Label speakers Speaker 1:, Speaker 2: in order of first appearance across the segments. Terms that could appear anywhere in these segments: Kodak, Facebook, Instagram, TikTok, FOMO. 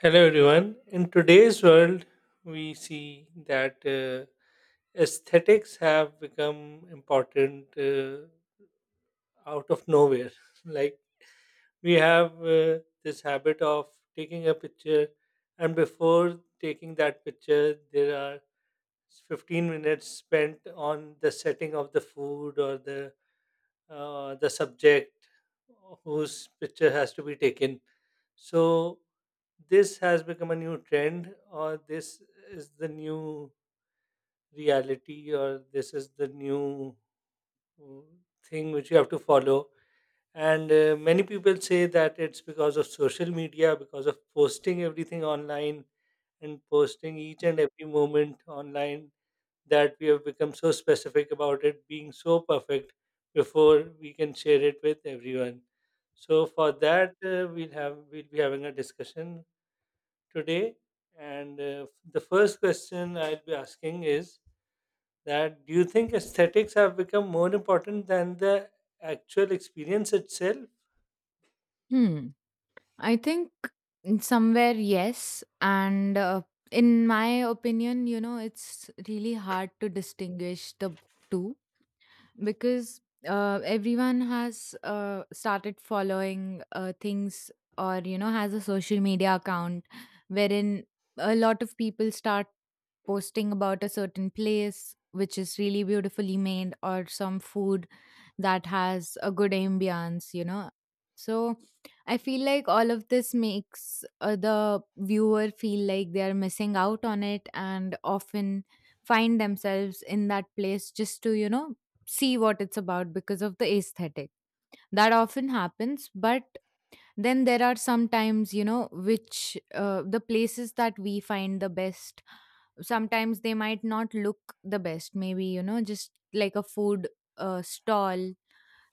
Speaker 1: Hello, everyone. In today's world, we see that aesthetics have become important out of nowhere. Like, we have this habit of taking a picture, and before taking that picture, there are 15 minutes spent on the setting of the food or the subject whose picture has to be taken. So this has become a new trend, or this is the new reality, or this is the new uh, thing which you have to follow. And many people say that it's because of social media, because of posting everything online and posting each and every moment online, that we have become so specific about it being so perfect before we can share it with everyone. So for that, we'll be having a discussion today. And the first question I'll be asking is, that do you think aesthetics have become more important than the actual experience itself?
Speaker 2: Hmm. I think somewhere, yes. And in my opinion, you know, it's really hard to distinguish the two because everyone has started following things or, you know, has a social media account wherein a lot of people start posting about a certain place which is really beautifully made or some food that has a good ambience, you know. So I feel like all of this makes the viewer feel like they are missing out on it and often find themselves in that place just to, you know, see what it's about because of the aesthetic. That often happens, but then there are sometimes you know which the places that we find the best sometimes they might not look the best maybe you know just like a food stall,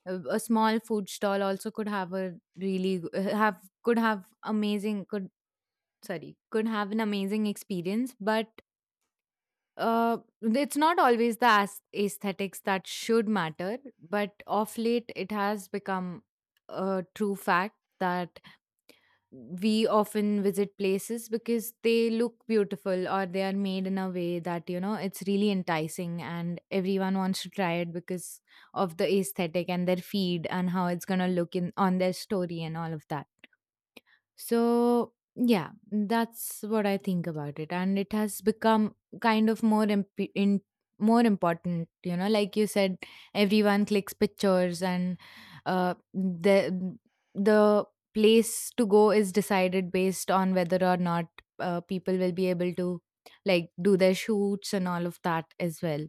Speaker 2: a small food stall also could have a have could have amazing could sorry could have an amazing experience but it's not always the aesthetics that should matter, but of late it has become a true fact that we often visit places because they look beautiful or they are made in a way that you know it's really enticing and everyone wants to try it because of the aesthetic and their feed and how it's going to look in on their story and all of that. So, yeah, that's what I think about it. And it has become kind of more important, you know, like you said, everyone clicks pictures and uh, the the place to go is decided based on whether or not people will be able to like do their shoots and all of that as well.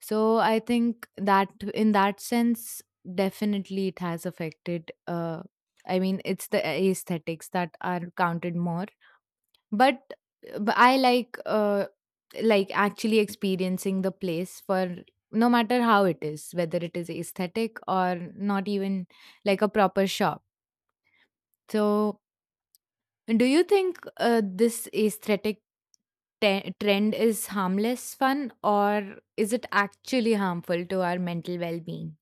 Speaker 2: So I think that in that sense, definitely it has affected. I mean, it's the aesthetics that are counted more. But, but I like actually experiencing the place, for no matter how it is, whether it is aesthetic or not, even like a proper shop. So, do you think this aesthetic trend is harmless fun or is it actually harmful to our mental well-being?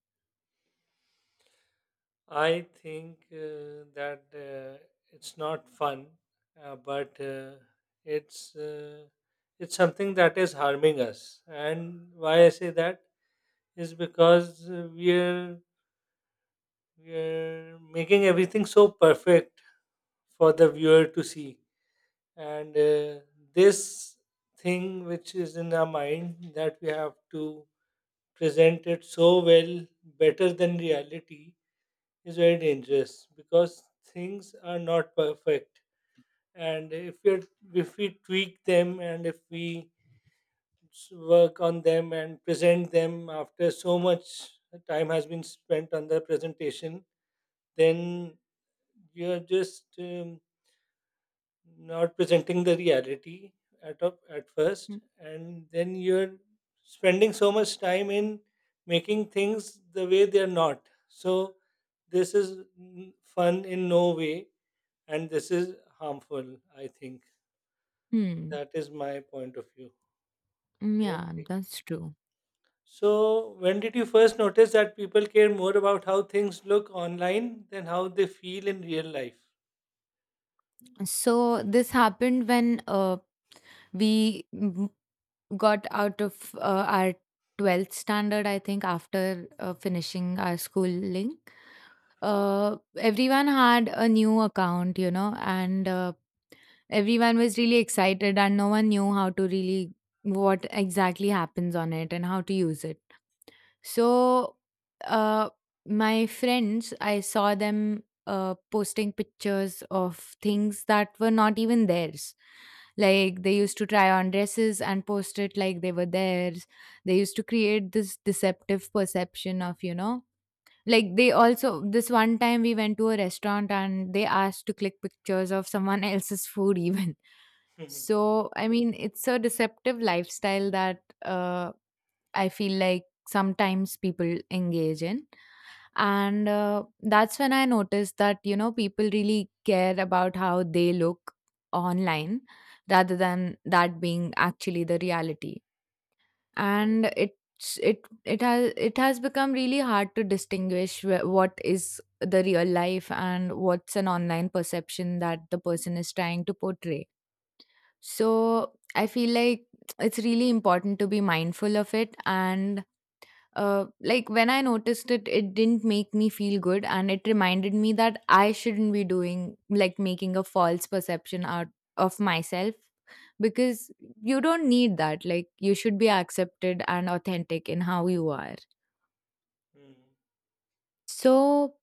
Speaker 1: I think that it's not fun, but it's uh, it's something that is harming us. And why I say that is because we're making everything so perfect for the viewer to see. And this thing which is in our mind, that we have to present it so well, better than reality, is very dangerous because things are not perfect, and if we tweak them, and if we work on them and present them after so much time has been spent on the presentation, then you're just not presenting the reality at
Speaker 2: Hmm.
Speaker 1: first, and then you're spending so much time in making things the way they are not. So this is fun in no way, and this is harmful, I think.
Speaker 2: Mm,
Speaker 1: That is my point of view.
Speaker 2: yeah,
Speaker 1: Okay,
Speaker 2: that's true.
Speaker 1: so when did you first notice that people care more about how things look online than how they feel in real life?
Speaker 2: So this happened when we m- got out of our 12th standard, I think, after finishing our schooling. Everyone had a new account, you know, and everyone was really excited, and no one knew how to really what exactly happens on it and how to use it. So, uh, my friends, I saw them posting pictures of things that were not even theirs. Like they used to try on dresses and post it like they were theirs. They used to create this deceptive perception of, you know, like they also, this one time we went to a restaurant and they asked to click pictures of someone else's food, even. So, I mean, it's a deceptive lifestyle that I feel like sometimes people engage in. And that's when I noticed that, you know, people really care about how they look online rather than that being actually the reality. And it has become really hard to distinguish what is the real life and what's an online perception that the person is trying to portray. So I feel like it's really important to be mindful of it, and like when I noticed it, it didn't make me feel good, and it reminded me that I shouldn't be doing like making a false perception out of myself, because you don't need that. Like, you should be accepted and authentic in how you are.
Speaker 1: Hmm.
Speaker 2: So,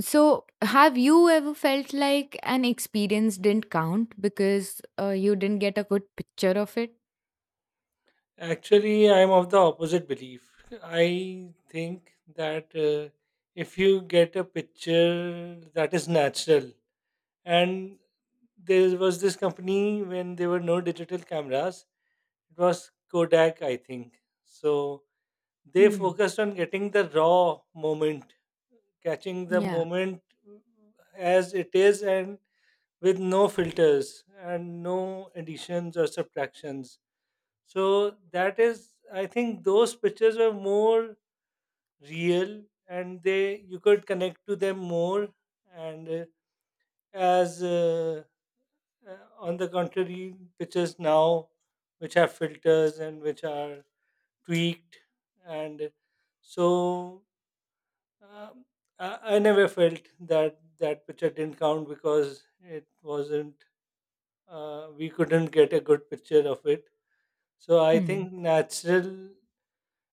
Speaker 2: so have you ever felt like an experience didn't count because you didn't get a good picture of it?
Speaker 1: Actually, I'm of the opposite belief. I think that if you get a picture that is natural, and there was this company when there were no digital cameras, it was Kodak, I think. So they
Speaker 2: Hmm.
Speaker 1: focused on getting the raw moment, catching the
Speaker 2: Yeah.
Speaker 1: moment as it is, and with no filters and no additions or subtractions. So that is, I think, those pictures were more real, and they you could connect to them more. And as on the contrary, pictures now which have filters and which are tweaked and so. Um, I never felt that that picture didn't count because it wasn't. We couldn't get a good picture of it. So I
Speaker 2: Hmm.
Speaker 1: think natural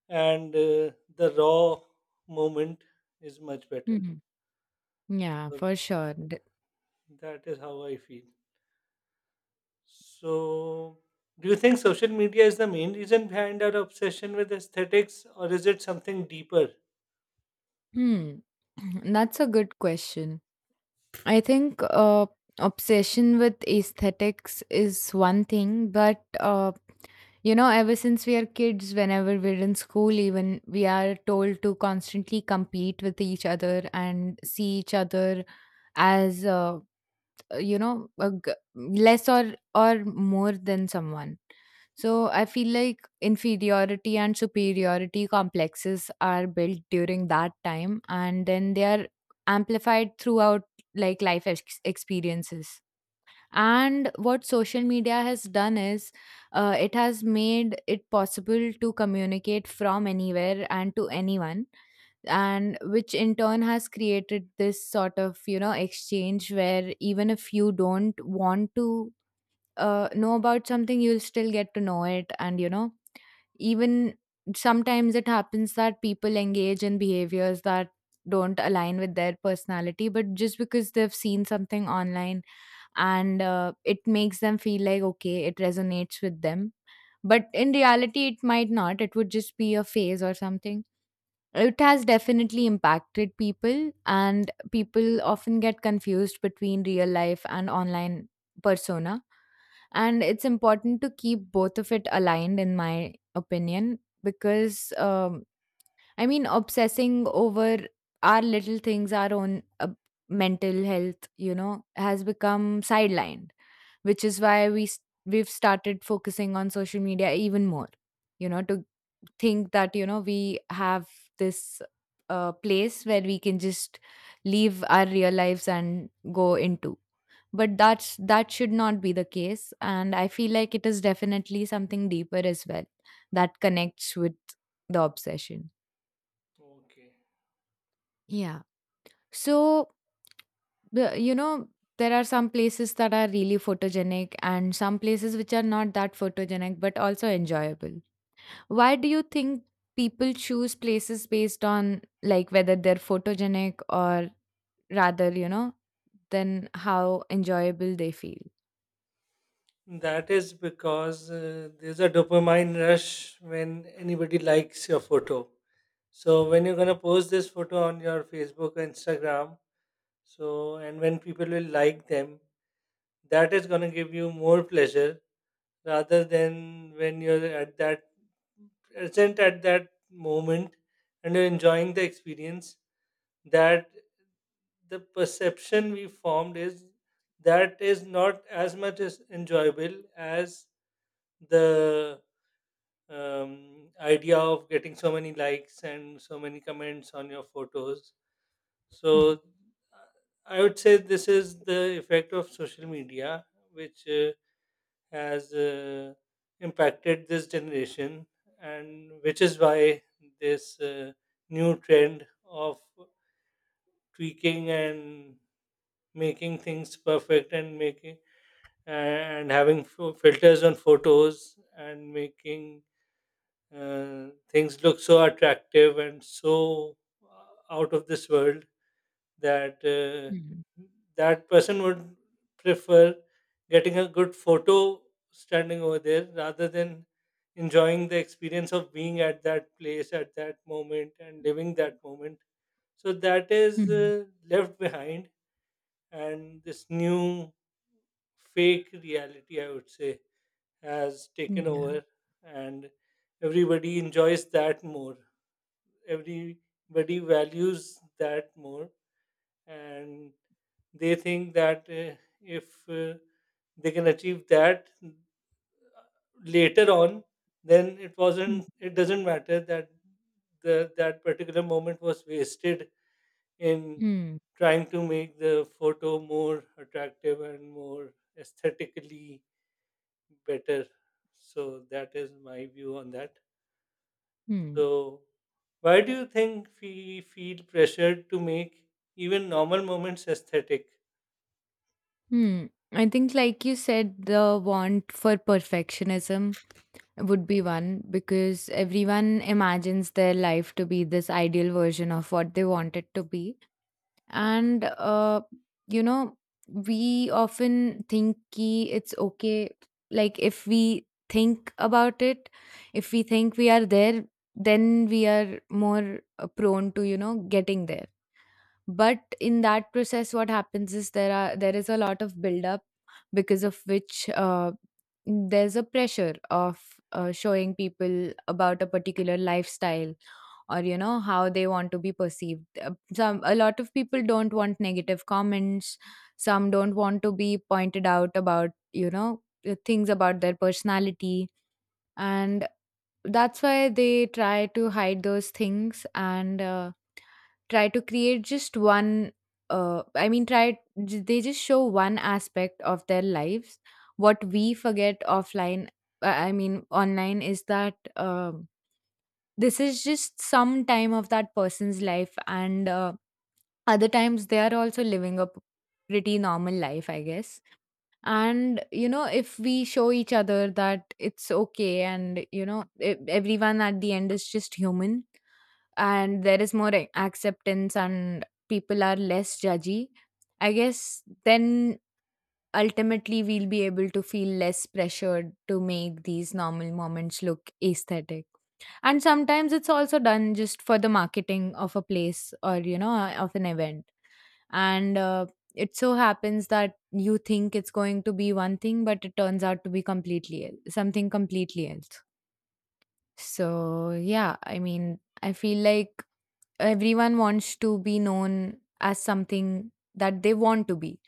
Speaker 1: and the raw moment is much better.
Speaker 2: Hmm. Yeah,
Speaker 1: So
Speaker 2: for sure.
Speaker 1: that is how I feel. So do you think social media is the main reason behind our obsession with aesthetics, or is it something deeper?
Speaker 2: Hmm. That's a good question. I think obsession with aesthetics is one thing, but you know, ever since we are kids, whenever we're in school, even we are told to constantly compete with each other and see each other as you know, less or more than someone. So I feel like inferiority and superiority complexes are built during that time, and then they are amplified throughout like experiences. And what social media has done is it has made it possible to communicate from anywhere and to anyone, and which in turn has created this sort of, you know, exchange where even if you don't want to know about something, you'll still get to know it. And, you know, even sometimes it happens that people engage in behaviors that don't align with their personality, but just because they've seen something online and it makes them feel like okay, it resonates with them, but in reality it might not, it would just be a phase or something. It has definitely impacted people, and people often get confused between real life and online persona, and it's important to keep both of it aligned, in my opinion, because I mean, obsessing over our little things, our own mental health, you know, has become sidelined, which is why we've started focusing on social media even more, you know, to think that you know we have this place where we can just leave our real lives and go into. But that's that should not be the case, and I feel like it is definitely something deeper as well that connects with the obsession.
Speaker 1: Okay.
Speaker 2: Yeah. So, you know, there are some places that are really photogenic and some places which are not that photogenic but also enjoyable. Why do you think people choose places based on like whether they're photogenic or rather, you know, than how enjoyable they feel?
Speaker 1: That is because there's a dopamine rush when anybody likes your photo. So when you're gonna post this photo on your Facebook or Instagram, so and when people will like them, that is gonna give you more pleasure rather than when you're at that present at that moment and you're enjoying the experience. That, the perception we formed is, that is not as much as enjoyable as the idea of getting so many likes and so many comments on your photos. So,
Speaker 2: Hmm.
Speaker 1: I would say this is the effect of social media, which has impacted this generation, and which is why this new trend of tweaking and making things perfect, and making and having filters on photos, and making things look so attractive and so out of this world, that
Speaker 2: Hmm.
Speaker 1: that person would prefer getting a good photo standing over there rather than enjoying the experience of being at that place at that moment and living that moment. So that is
Speaker 2: Hmm.
Speaker 1: left behind, and this new fake reality, I would say, has taken
Speaker 2: Hmm.
Speaker 1: over, and everybody enjoys that more, everybody values that more, and they think that if they can achieve that later on, then
Speaker 2: Hmm.
Speaker 1: it doesn't matter that the that particular moment was wasted in
Speaker 2: Hmm.
Speaker 1: trying to make the photo more attractive and more aesthetically better. So that is my view on that.
Speaker 2: Hmm.
Speaker 1: So, why do you think we feel pressured to make even normal moments aesthetic?
Speaker 2: Hmm. I think, like you said, the want for perfectionism would be one, because everyone imagines their life to be this ideal version of what they want it to be. And you know, we often think ki it's okay, like if we think about it, if we think we are there, then we are more prone to you know getting there. But in that process, what happens is there is a lot of buildup, because of which there's a pressure of showing people about a particular lifestyle, or you know how they want to be perceived. Some A lot of people don't want negative comments, some don't want to be pointed out about you know things about their personality, and that's why they try to hide those things, and try to create just one uh, i mean try they just show one aspect of their lives. What we forget offline, I mean online, is that this is just some time of that person's life, and other times they are also living a pretty normal life, I guess. And you know if we show each other that it's okay, and you know everyone at the end is just human, and there is more acceptance and people are less judgy, I guess, then ultimately we'll be able to feel less pressured to make these normal moments look aesthetic. And sometimes it's also done just for the marketing of a place, or you know of an event, and it so happens that you think it's going to be one thing but it turns out to be completely something completely else. So yeah, I mean, I feel like everyone wants to be known as something that they want to be,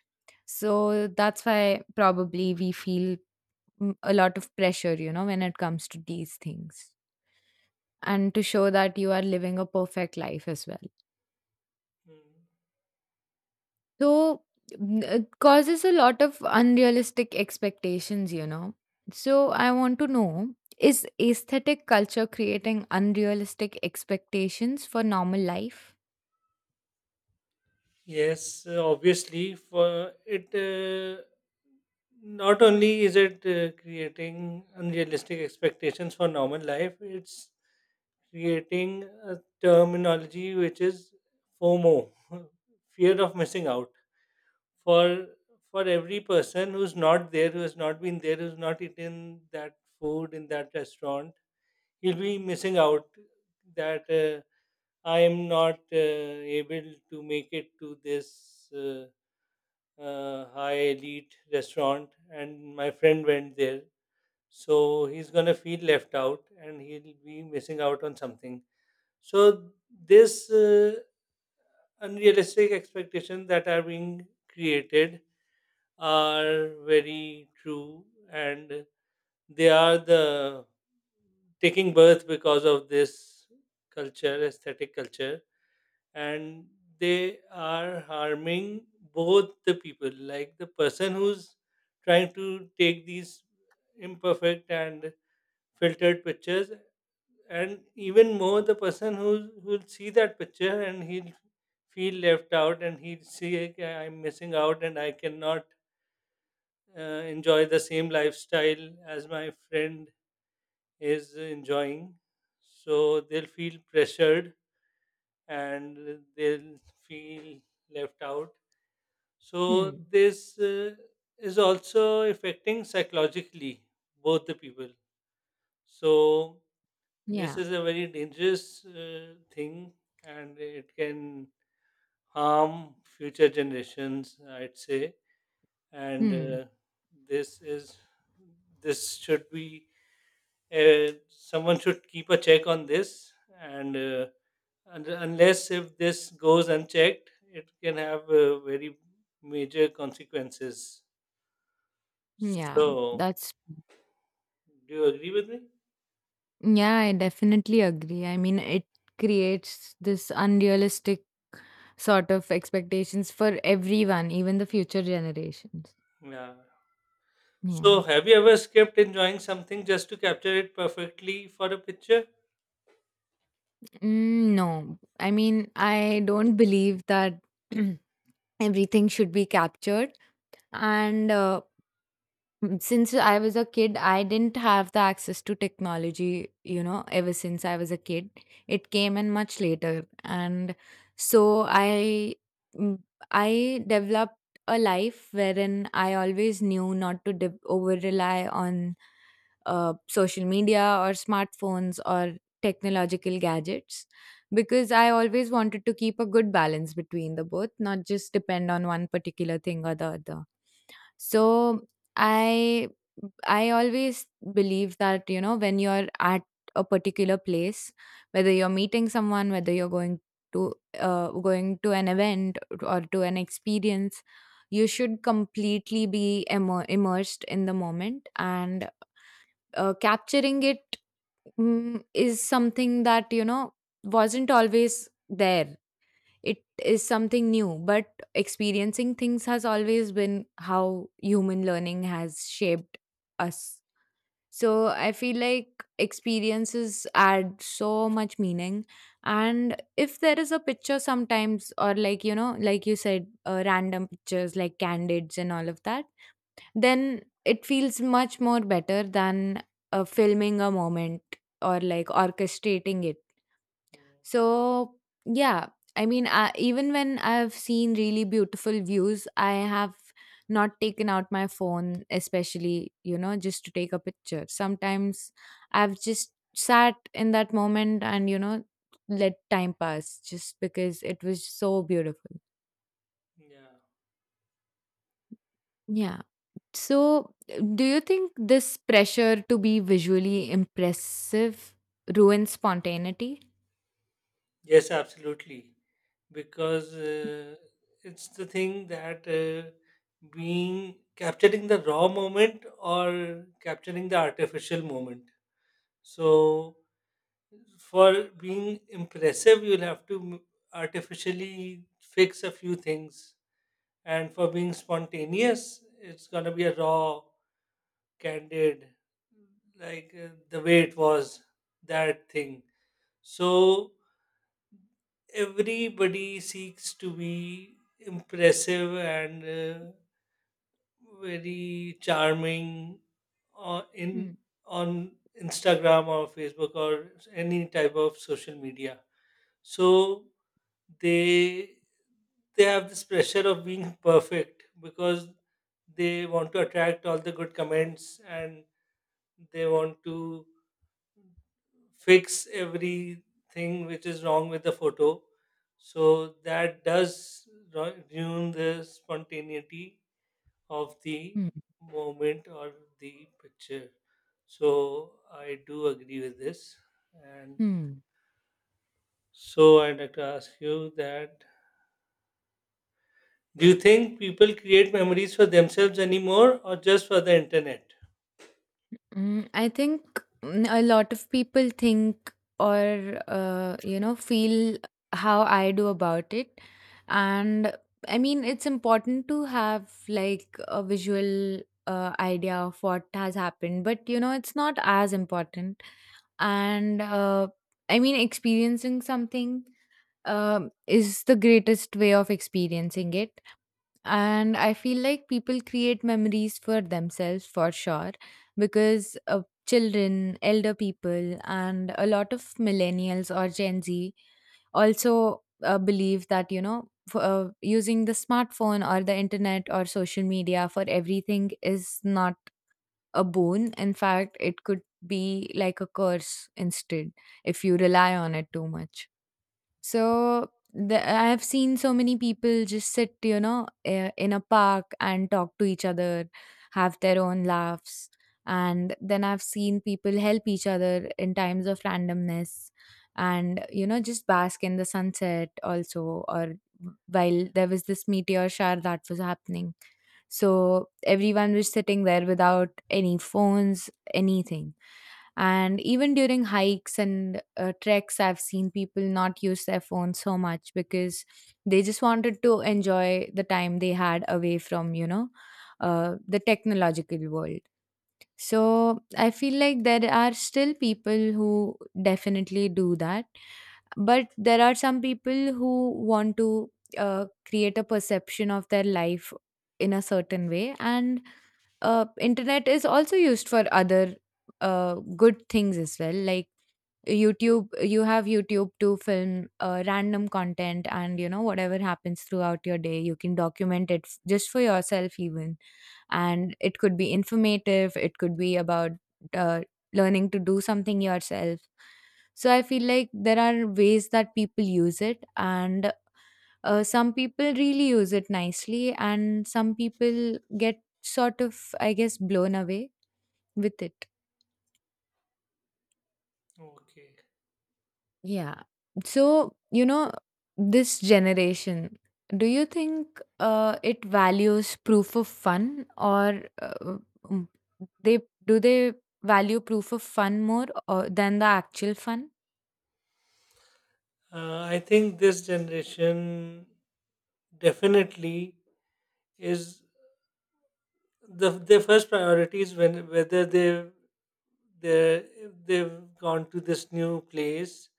Speaker 2: so that's why probably we feel a lot of pressure, you know, when it comes to these things, and to show that you are living a perfect life as well.
Speaker 1: Mm.
Speaker 2: So it causes a lot of unrealistic expectations, you know. So I want to know, is aesthetic culture creating unrealistic expectations for normal life?
Speaker 1: Yes, obviously, for it, not only is it creating unrealistic expectations for normal life, it's creating a terminology which is FOMO, fear of missing out. for for every person who's not there, who has not been there, who's not eaten that food in that restaurant, he'll be missing out. That I am not able to make it to this high elite restaurant, and my friend went there, so he's gonna feel left out, and he'll be missing out on something. So this unrealistic expectations that are being created are very true, and they are the taking birth because of this culture, aesthetic culture, and they are harming both the people, like the person who's trying to take these imperfect and filtered pictures, and even more the person who will see that picture and he'll feel left out, and he'll see, "Okay, I'm missing out and I cannot enjoy the same lifestyle as my friend is enjoying." So they'll feel pressured and they'll feel left out. So
Speaker 2: Hmm.
Speaker 1: this is also affecting psychologically both the people. So this is
Speaker 2: Yeah.
Speaker 1: a very dangerous thing, and it can harm future generations, I'd say. And
Speaker 2: Hmm.
Speaker 1: uh, this is this should be, someone should keep a check on this, and unless if this goes unchecked, it can have very major consequences.
Speaker 2: Yeah.
Speaker 1: So
Speaker 2: That's,
Speaker 1: do you agree with me?
Speaker 2: yeah, I definitely agree. I mean, it creates this unrealistic sort of expectations for everyone, even the future generations.
Speaker 1: Yeah. So
Speaker 2: Yeah.
Speaker 1: have you ever skipped enjoying something just to capture it perfectly for a picture?
Speaker 2: Mm, no. I mean, I don't believe that. Everything should be captured, and mm, since I was a kid, I didn't have the access to technology, you know, ever since I was a kid. It came in much later. And so mm, I developed a life wherein I always knew not to over rely on social media or smartphones or technological gadgets, because I always wanted to keep a good balance between the both, not just depend on one particular thing or the other. So I I always believe that, you know, when you're at a particular place, whether you're meeting someone, whether you're going to an event or to an experience, you should completely be immersed in the moment, and capturing it is something that, wasn't always there. It is something new, but experiencing things has always been how human learning has shaped us. So I feel like experiences add so much meaning. And if there is a picture sometimes, or like, like you said, random pictures like candids and all of that, then it feels much more better than filming a moment or like orchestrating it.
Speaker 1: Mm,
Speaker 2: So, yeah, I mean, even when I've seen really beautiful views, I have not taken out my phone, especially, just to take a picture. Sometimes I've just sat in that moment and, let time pass just because it was so beautiful.
Speaker 1: yeah.
Speaker 2: Yeah. So, do you think this pressure to be visually impressive ruins spontaneity?
Speaker 1: Yes, absolutely. Because
Speaker 2: 嗯。
Speaker 1: it's the thing that being capturing the raw moment or capturing the artificial moment. So, for being impressive, you'll have to artificially fix a few things. And for being spontaneous, it's going to be a raw, candid, like the way it was, that thing. So, everybody seeks to be impressive and very charming on in
Speaker 2: 嗯，
Speaker 1: on Instagram or Facebook or any type of social media. So they they have this pressure of being perfect because they want to attract all the good comments, and they want to fix everything which is wrong with the photo. So that does ruin the spontaneity of the
Speaker 2: 嗯，
Speaker 1: moment or the picture. So I do agree with this. And
Speaker 2: 嗯，
Speaker 1: so I'd like to ask you that do you think people create memories for themselves anymore, or just for the internet?
Speaker 2: I think a lot of people think or feel how I do about it, and I mean it's important to have like a visual idea of what has happened, but it's not as important. And I mean experiencing something is the greatest way of experiencing it. And I feel like people create memories for themselves for sure, because children, elder people, and a lot of millennials or Gen Z also believe that using the smartphone or the internet or social media for everything is not a boon. In fact, it could be like a curse instead if you rely on it too much. So I have seen so many people just sit, in a park and talk to each other, have their own laughs. And then I've seen people help each other in times of randomness and, just bask in the sunset also. Or while there was this meteor shower that was happening. So everyone was sitting there without any phones, anything. And even during hikes and treks, I've seen people not use their phones so much because they just wanted to enjoy the time they had away from, the technological world. So I feel like there are still people who definitely do that. But there are some people who want to create a perception of their life in a certain way, and internet is also used for other good things as well, like YouTube. You have YouTube to film random content, and whatever happens throughout your day you can document it just for yourself even. And it could be informative, it could be about uh, learning to do something yourself. So I feel like there are ways that people use it, and some people really use it nicely and some people get sort of, I guess, blown away with it.
Speaker 1: Okay.
Speaker 2: Yeah. So, this generation, do you think it values proof of fun, or mm, they they value proof of fun more than the actual fun?
Speaker 1: I think this generation definitely is, their first priority is when whether they, they they've gone to this new place,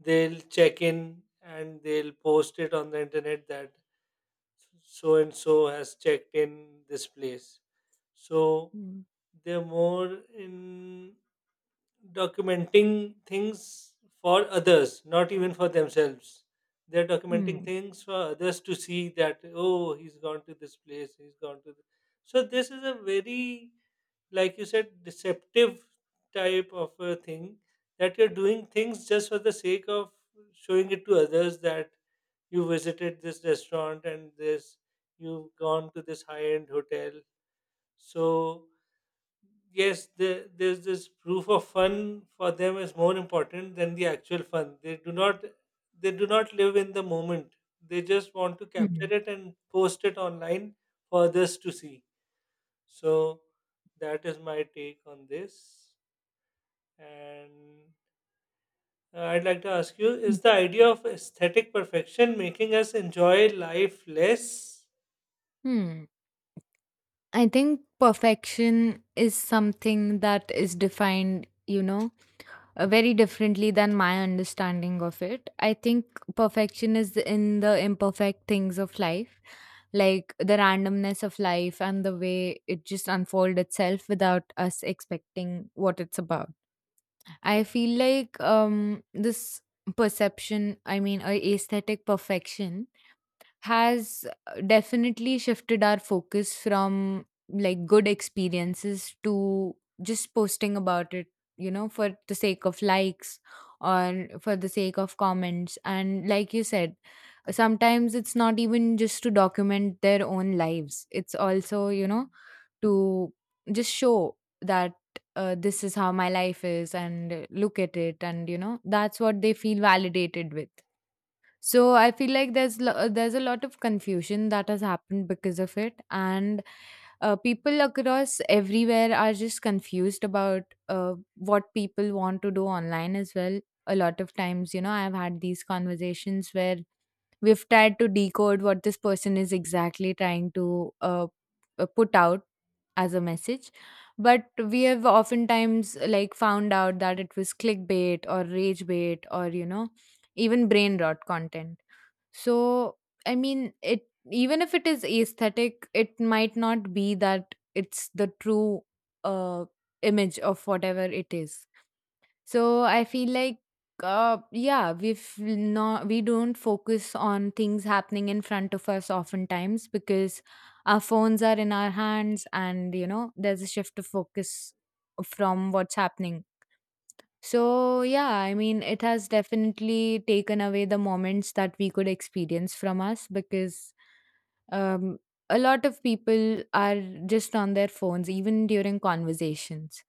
Speaker 1: they'll check in and they'll post it on the internet that so and so has checked in this place. So
Speaker 2: Hmm.
Speaker 1: they're more in documenting things for others, not even for themselves. They're documenting
Speaker 2: Hmm.
Speaker 1: things for others to see that, oh, he's gone to this place, he's gone to th-. So this is a very, like you said, deceptive type of a thing, that you're doing things just for the sake of showing it to others that you visited this restaurant, and this you've gone to this high-end hotel. So yes, there's this proof of fun for them is more important than the actual fun. They do not live in the moment. They just want to
Speaker 2: Hmm.
Speaker 1: capture it and post it online for others to see. So that is my take on this. And I'd like to ask you,
Speaker 2: Hmm.
Speaker 1: is the idea of aesthetic perfection making us enjoy life less?
Speaker 2: Hmm. I think perfection is something that is defined, very differently than my understanding of it. I think perfection is in the imperfect things of life, like the randomness of life and the way it just unfold itself without us expecting what it's about. I feel like this perception, I mean, aesthetic perfection has definitely shifted our focus from like good experiences to just posting about it, for the sake of likes or for the sake of comments. And like you said, sometimes it's not even just to document their own lives. It's also, to just show that this is how my life is, and look at it, and that's what they feel validated with. So I feel like there's a lot of confusion that has happened because of it, and people across everywhere are just confused about what people want to do online as well. A lot of times, I've had these conversations where we've tried to decode what this person is exactly trying to put out as a message, but we have oftentimes like found out that it was clickbait or rage bait, or even brain rot content. So I mean, it even if it is aesthetic, it might not be that it's the true uh, image of whatever it is. So I feel like, yeah, we don't focus on things happening in front of us oftentimes because our phones are in our hands, and there's a shift of focus from what's happening. So yeah, I mean, it has definitely taken away the moments that we could experience from us, because um a lot of people are just on their phones even during conversations.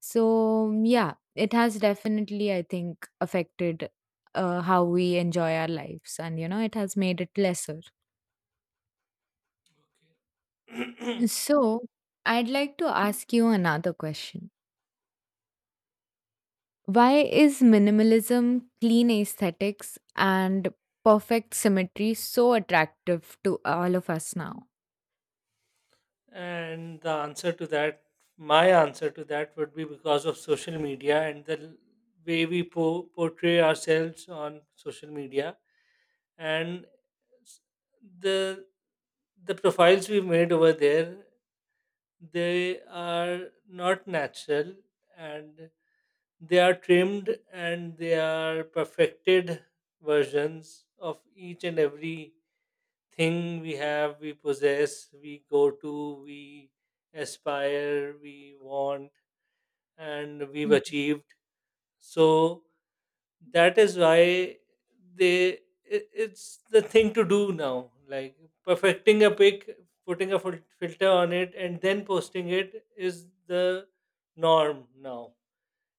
Speaker 2: So, yeah, it has definitely, I think, affected how we enjoy our lives, and, it has made it lesser. So, I'd like to ask you another question. Why is minimalism, clean aesthetics, and perfect symmetry so attractive to all of us now?
Speaker 1: And the answer to that, my answer to that would be, because of social media and the way we portray ourselves on social media, and s- the the profiles we made over there, they are not natural, and they are trimmed and they are perfected versions of each and every thing we have, we possess, we go to, we aspire, we want, and we've
Speaker 2: Hmm.
Speaker 1: achieved. So that is why they it's the thing to do now. Like perfecting a pic, putting a filter on it, and then posting it is the norm now,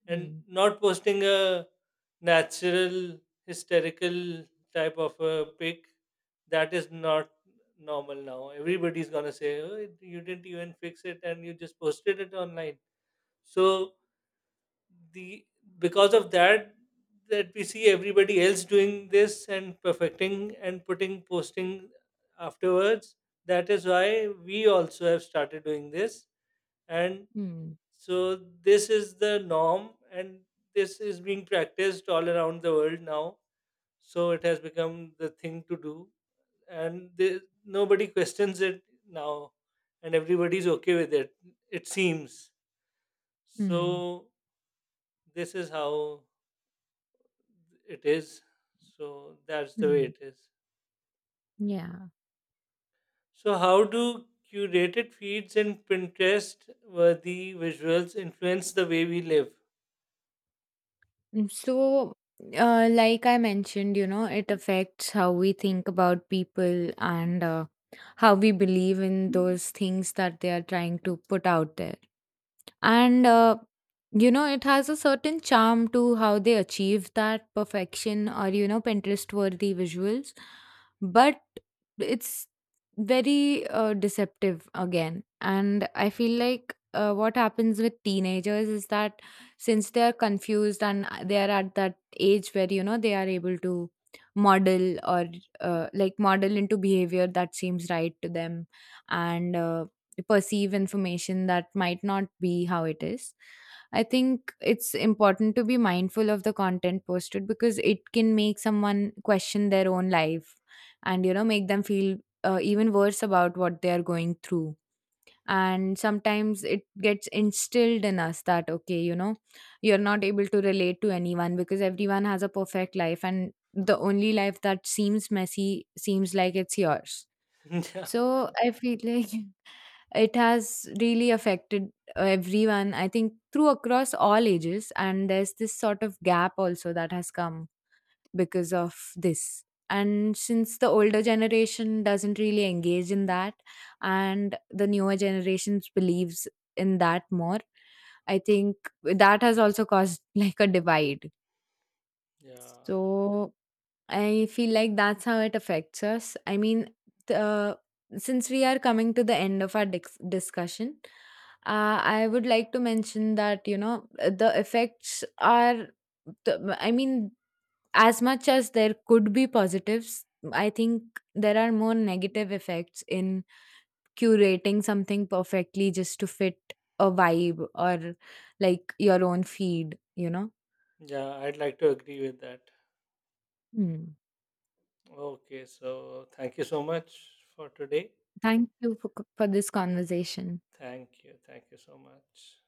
Speaker 1: and
Speaker 2: Hmm.
Speaker 1: not posting a natural, hysterical type of a pic, that is not normal now. Everybody's gonna say, oh, you didn't even fix it and you just posted it online. So the because of that, that we see everybody else doing this and perfecting and putting posting afterwards, that is why we also have started doing this. And
Speaker 2: Hmm.
Speaker 1: so this is the norm, and this is being practiced all around the world now. So it has become the thing to do, and nobody questions it now, and everybody's okay with it. It seems
Speaker 2: Hmm.
Speaker 1: so. This is how it is. So that's the way
Speaker 2: Hmm.
Speaker 1: it is.
Speaker 2: Yeah.
Speaker 1: So how do curated feeds and Pinterest-worthy visuals influence the way we live?
Speaker 2: So, like I mentioned, it affects how we think about people, and how we believe in those things that they are trying to put out there. And, it has a certain charm to how they achieve that perfection, or, Pinterest worthy visuals. But it's very deceptive again. And I feel like what happens with teenagers is that, since they are confused and they are at that age where, they are able to model, or like, model into behavior that seems right to them, and perceive information that might not be how it is. I think it's important to be mindful of the content posted, because it can make someone question their own life and, make them feel even worse about what they are going through. And sometimes it gets instilled in us that, okay, you're not able to relate to anyone because everyone has a perfect life and the only life that seems messy seems like it's yours.
Speaker 1: Yeah,
Speaker 2: So I feel like it has really affected everyone, I think, through across all ages, and there's this sort of gap also that has come because of this. And since the older generation doesn't really engage in that and the newer generations believes in that more, I think that has also caused like a divide.
Speaker 1: yeah,
Speaker 2: So I feel like that's how it affects us. I mean, the, since we are coming to the end of our discussion, I would like to mention that, the effects are, I mean, as much as there could be positives, I think there are more negative effects in curating something perfectly just to fit a vibe or like your own feed, you know?
Speaker 1: yeah. I'd like to agree with that.
Speaker 2: Hmm.
Speaker 1: Okay, so thank you so much for today.
Speaker 2: Thank you for, this conversation.
Speaker 1: Thank you. Thank you so much.